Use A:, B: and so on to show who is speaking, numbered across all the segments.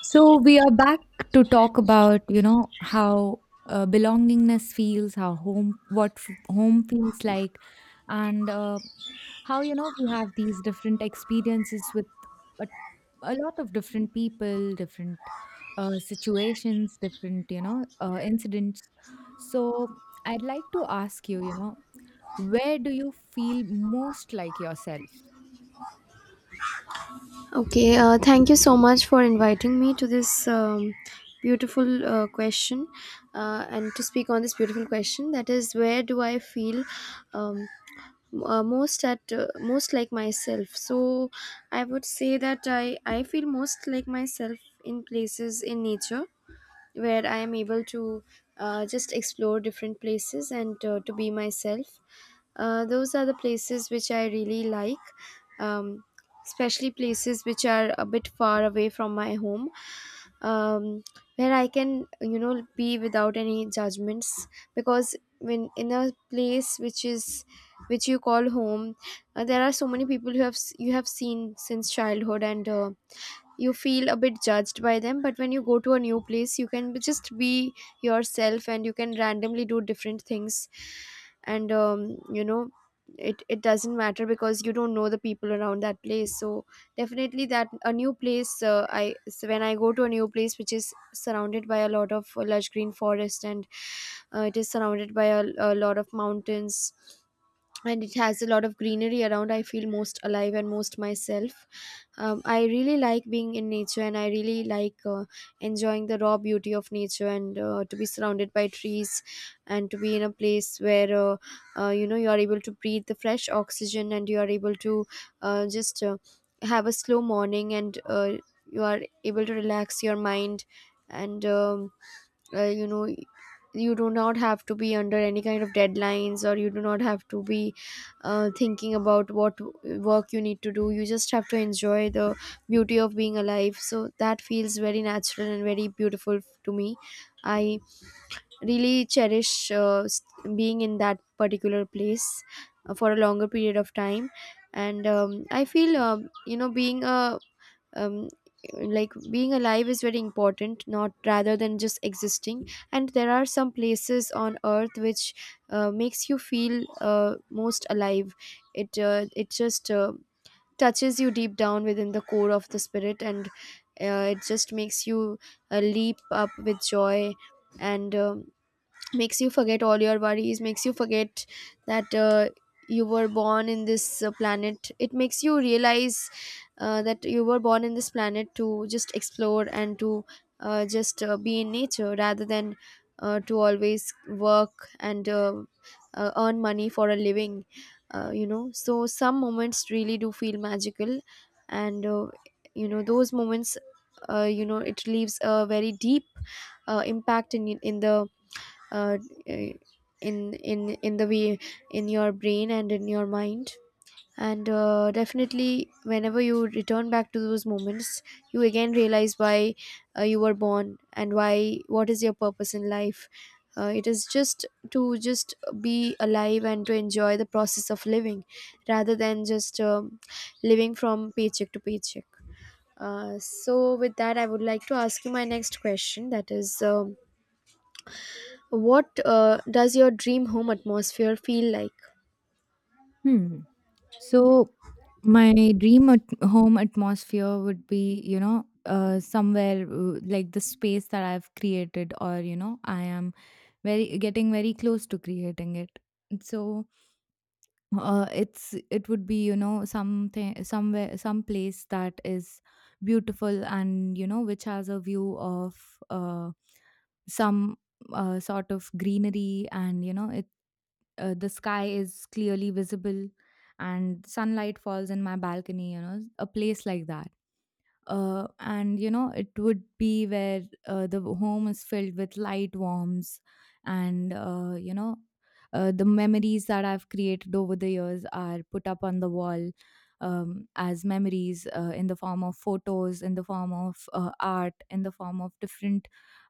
A: So we are back to talk about, how belongingness feels, how home, home feels like, and how, we have these different experiences with a, a lot of different people, different situations, different, incidents. So I'd like to ask you, where do you feel most like yourself?
B: Okay, thank you so much for inviting me to this beautiful question and to speak on this beautiful question. That is, where do I feel um, most like myself? So, I would say that I feel most like myself in places in nature where I am able to just explore different places and to be myself. Those are the places which I really like, um, especially places which are a bit far away from my home, um, where I can, be without any judgments. Because when in a place which you call home, there are so many people who you have seen since childhood, and you feel a bit judged by them. But when you go to a new place you can just be yourself, and you can randomly do different things. And it doesn't matter because you don't know the people around that place. So definitely that a new place I so when I go to a new place which is surrounded by a lot of lush green forest, and it is surrounded by a lot of mountains, and it has a lot of greenery around, I feel most alive and most myself. I really like being in nature, and I really like enjoying the raw beauty of nature, and to be surrounded by trees, and to be in a place where you are able to breathe the fresh oxygen, and you are able to just have a slow morning, and you are able to relax your mind, and uh, you know you do not have to be under any kind of deadlines, or you do not have to be thinking about what work you need to do. You just have to enjoy the beauty of being alive, so that feels very natural and very beautiful to me. I really cherish being in that particular place for a longer period of time. And I feel, you know being a um, like, being alive is very important, not rather than just existing. And there are some places on earth which makes you feel most alive. It just touches you deep down within the core of the spirit. And it just makes you leap up with joy, and makes you forget all your worries, makes you forget that you were born in this planet. It makes you realize that you were born in this planet to just explore and to just be in nature rather than to always work and earn money for a living. So some moments really do feel magical. And those moments, it leaves a very deep impact in the uh, in the way, in your brain and in your mind. And definitely, whenever you return back to those moments, you again realize why you were born, and why what is your purpose in life. It is just to just be alive and to enjoy the process of living, rather than just living from paycheck to paycheck. So with that, I would like to ask you my next question, that is, what does your dream home atmosphere feel like?
A: Hmm. So my dream at home atmosphere would be, somewhere like the space that I've created, or I am very getting very close to creating it. So it would be, something somewhere some place that is beautiful, and which has a view of uh, some sort of greenery. And the sky is clearly visible, and sunlight falls in my balcony, a place like that. And it would be where the home is filled with light warms. And the memories that I've created over the years are put up on the wall, as memories, in the form of photos, in the form of art, in the form of different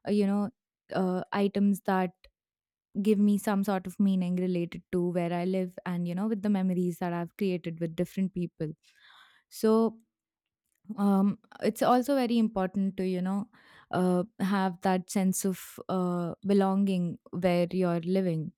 A: uh, you know items that give me some sort of meaning related to where I live, and, with the memories that I've created with different people. So, it's also very important to, have that sense of belonging where you're living.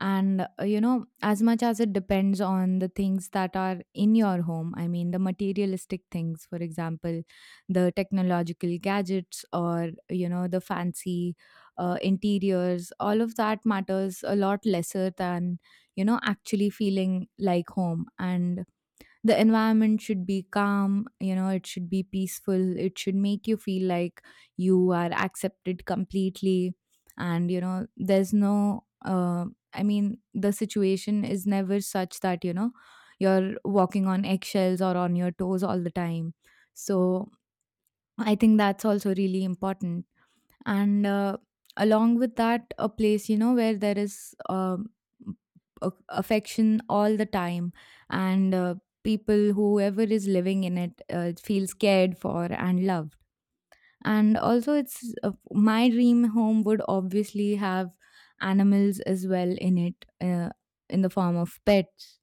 A: And as much as it depends on the things that are in your home, I mean the materialistic things, for example the technological gadgets or the fancy interiors, all of that matters a lot lesser than actually feeling like home. And the environment should be calm. You know, it should be peaceful. It should make you feel like you are accepted completely. And there's no I mean, the situation is never such that you're walking on eggshells or on your toes all the time. So I think that's also really important. And along with that, a place where there is affection all the time, and people whoever is living in it feels cared for and loved. And also, it's my dream home would obviously have animals as well in it, in the form of pets.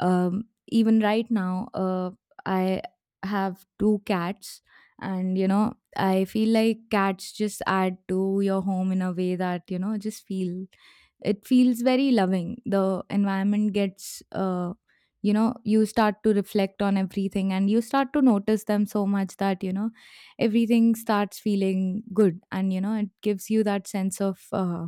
A: Even right now, I have two cats, and I feel like cats just add to your home in a way that you know just feel it feels very loving. The environment gets, you start to reflect on everything, and you start to notice them so much that everything starts feeling good. And it gives you that sense of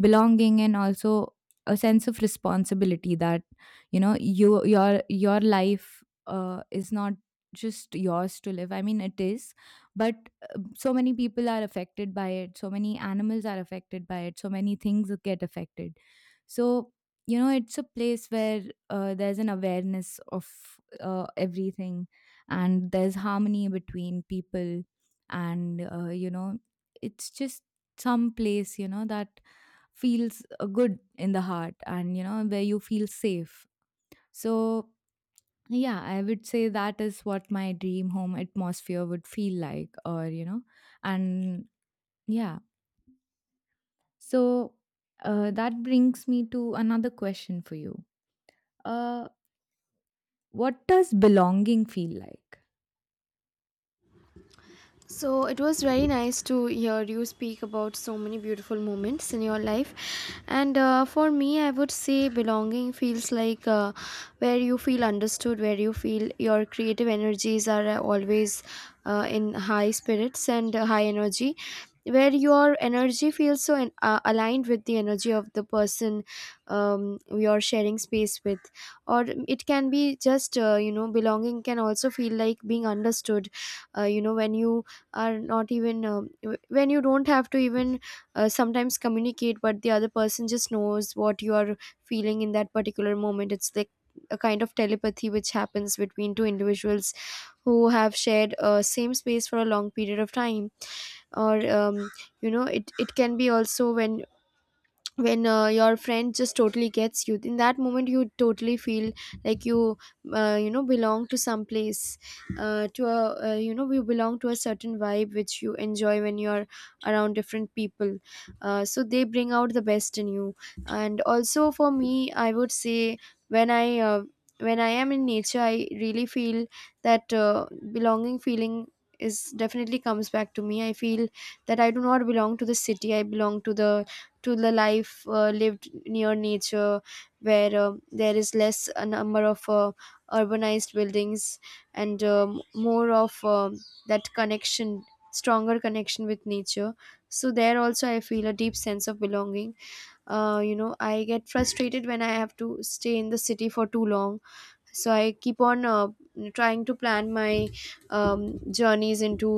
A: belonging, and also a sense of responsibility that your life is not just yours to live. I mean, it is, but so many people are affected by it, so many animals are affected by it, so many things get affected. So it's a place where there's an awareness of everything, and there's harmony between people. And it's just some place that feels good in the heart, and where you feel safe. So yeah, I would say that is what my dream home atmosphere would feel like, or, and yeah. So that brings me to another question for you. uh, what does belonging feel like?
B: So it was very nice to hear you speak about so many beautiful moments in your life. And for me, I would say belonging feels like where you feel understood, where you feel your creative energies are always in high spirits and high energy, where your energy feels aligned with the energy of the person you're sharing space with. Or it can be just, belonging can also feel like being understood. When you are not even, when you don't have to even sometimes communicate, but the other person just knows what you are feeling in that particular moment. It's like a kind of telepathy which happens between two individuals who have shared a same space for a long period of time. Or it can be also when your friend just totally gets you in that moment. You totally feel like belong to some place, to a you know you belong to a certain vibe which you enjoy when you're around different people. So they bring out the best in you. And also for me, I would say when I when I am in nature I really feel that belonging feeling is definitely comes back to me. I feel that I do not belong to the city. I belong to the life lived near nature, where there is less a number of urbanized buildings, and more of that connection, stronger connection with nature. So there also I feel a deep sense of belonging. I get frustrated when I have to stay in the city for too long. So I keep on trying to plan my journeys into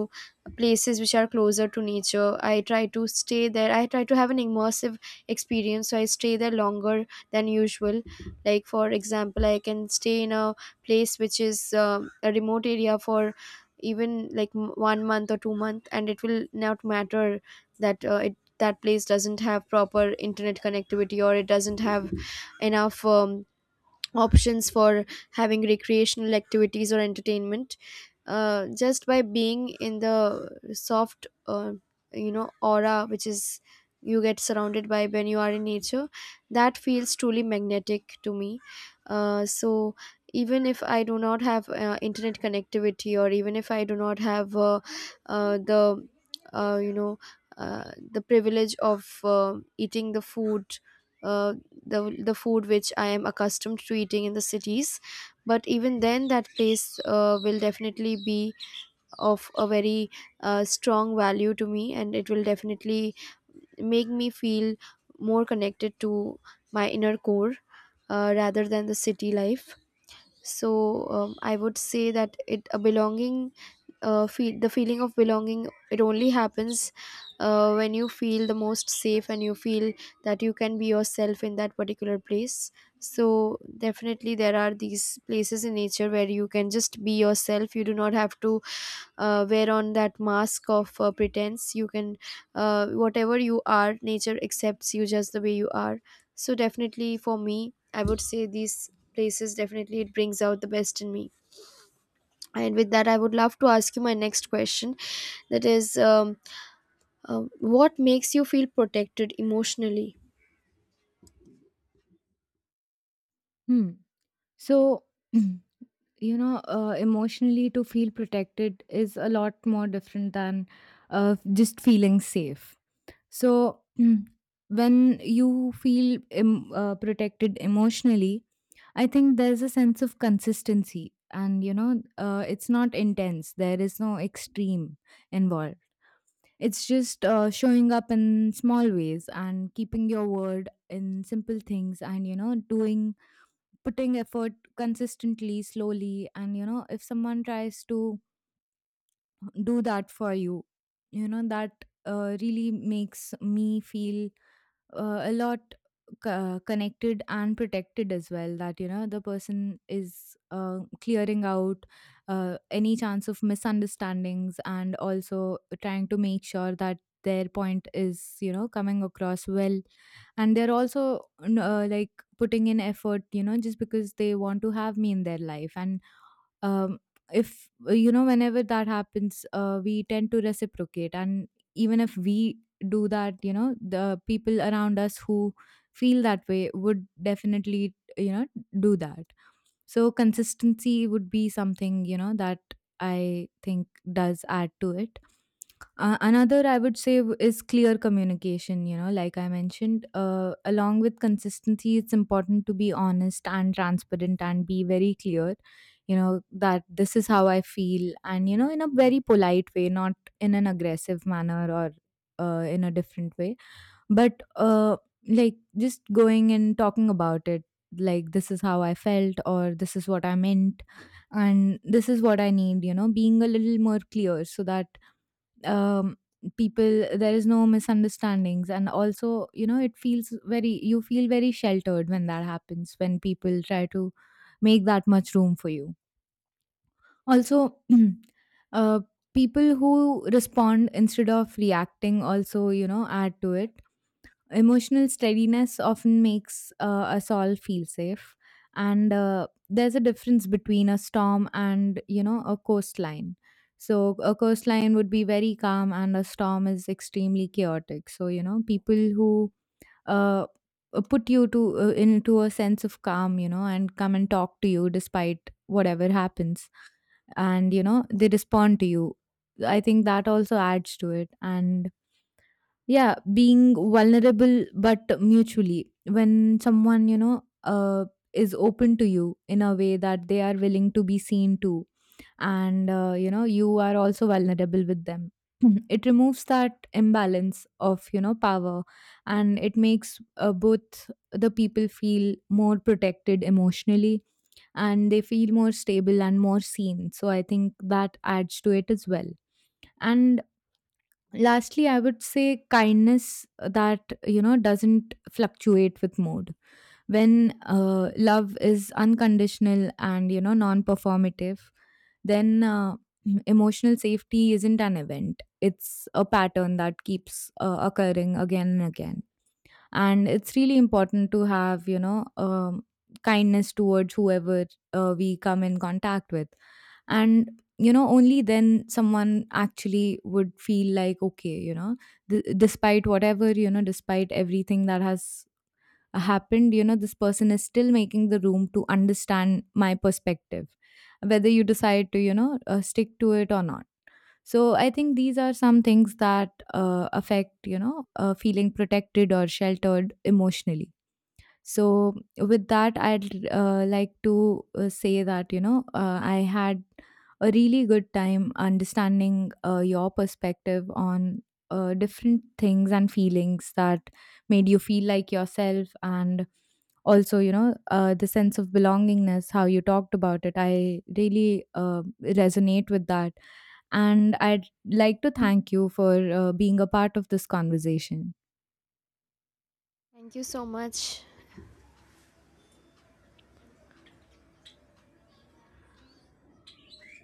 B: places which are closer to nature. I try to stay there, I try to have an immersive experience, so I stay there longer than usual. Like for example, I can stay in a place which is a remote area for even one month or 2 month, and it will not matter that it that place doesn't have proper internet connectivity, or it doesn't have enough options for having recreational activities or entertainment. Just by being in the soft aura which is you get surrounded by when you are in nature, that feels truly magnetic to me. So even if I do not have internet connectivity, or even if I do not have the you know the privilege of eating the food, uh, the the food which I am accustomed to eating in the cities. But even then, that place will definitely be of a very strong value to me, and it will definitely make me feel more connected to my inner core rather than the city life. So I would say that, it a belonging feel the feeling of belonging, it only happens when you feel the most safe and you feel that you can be yourself in that particular place. So definitely there are these places in nature where you can just be yourself. You do not have to wear on that mask of pretense. You can Whatever you are, nature accepts you just the way you are. So definitely for me, I would say these places definitely, it brings out the best in me. And with that, I would love to ask you my next question, that is, what makes you feel protected emotionally?
A: Hmm. So emotionally, to feel protected is a lot more different than just feeling safe. So when you feel protected emotionally, I think there's a sense of consistency. And it's not intense, there is no extreme involved. It's just showing up in small ways and keeping your word in simple things, and you know doing putting effort consistently, slowly. And if someone tries to do that for you, you know that really makes me feel a lot connected and protected as well, that the person is clearing out any chance of misunderstandings, and also trying to make sure that their point is, coming across well. And they're also like putting in effort, just because they want to have me in their life. And um, if you know whenever that happens, we tend to reciprocate. And even if we do that, the people around us who feel that way would definitely, do that. So consistency would be something, that I think does add to it. Another, I would say, is clear communication. Like I mentioned, along with consistency, it's important to be honest and transparent and be very clear. You know that this is how I feel, and in a very polite way, not in an aggressive manner or in a different way, but like just going and talking about it. Like this is how I felt, or this is what I meant, and this is what I need. You know, being a little more clear so that um, people there is no misunderstandings, and also it feels very you feel very sheltered when that happens, when people try to make that much room for you. Also uh, people who respond instead of reacting also, add to it. Emotional steadiness often makes us all feel safe, and there's a difference between a storm and, a coastline. So a coastline would be very calm, and a storm is extremely chaotic. So people who uh, put you to into a sense of calm, and come and talk to you despite whatever happens, and they respond to you. I think that also adds to it. And yeah, being vulnerable but mutually. When someone, is open to you in a way that they are willing to be seen to, and, you are also vulnerable with them. It removes that imbalance of, power, and it makes both the people feel more protected emotionally, and they feel more stable and more seen. So I think that adds to it as well. And lastly, I would say kindness that, doesn't fluctuate with mood. When love is unconditional and, non performative, then emotional safety isn't an event. It's a pattern that keeps occurring again and again. And it's really important to have, kindness towards whoever we come in contact with. And only then someone actually would feel like, okay, despite whatever, despite everything that has happened, this person is still making the room to understand my perspective, whether you decide to, stick to it or not. So I think these are some things that affect, feeling protected or sheltered emotionally. So with that, I'd like to say that, I had a really good time understanding your perspective on different things and feelings that made you feel like yourself, and also, the sense of belongingness, how you talked about it, I really resonate with that. And I'd like to thank you for being a part of this conversation.
B: Thank you so much.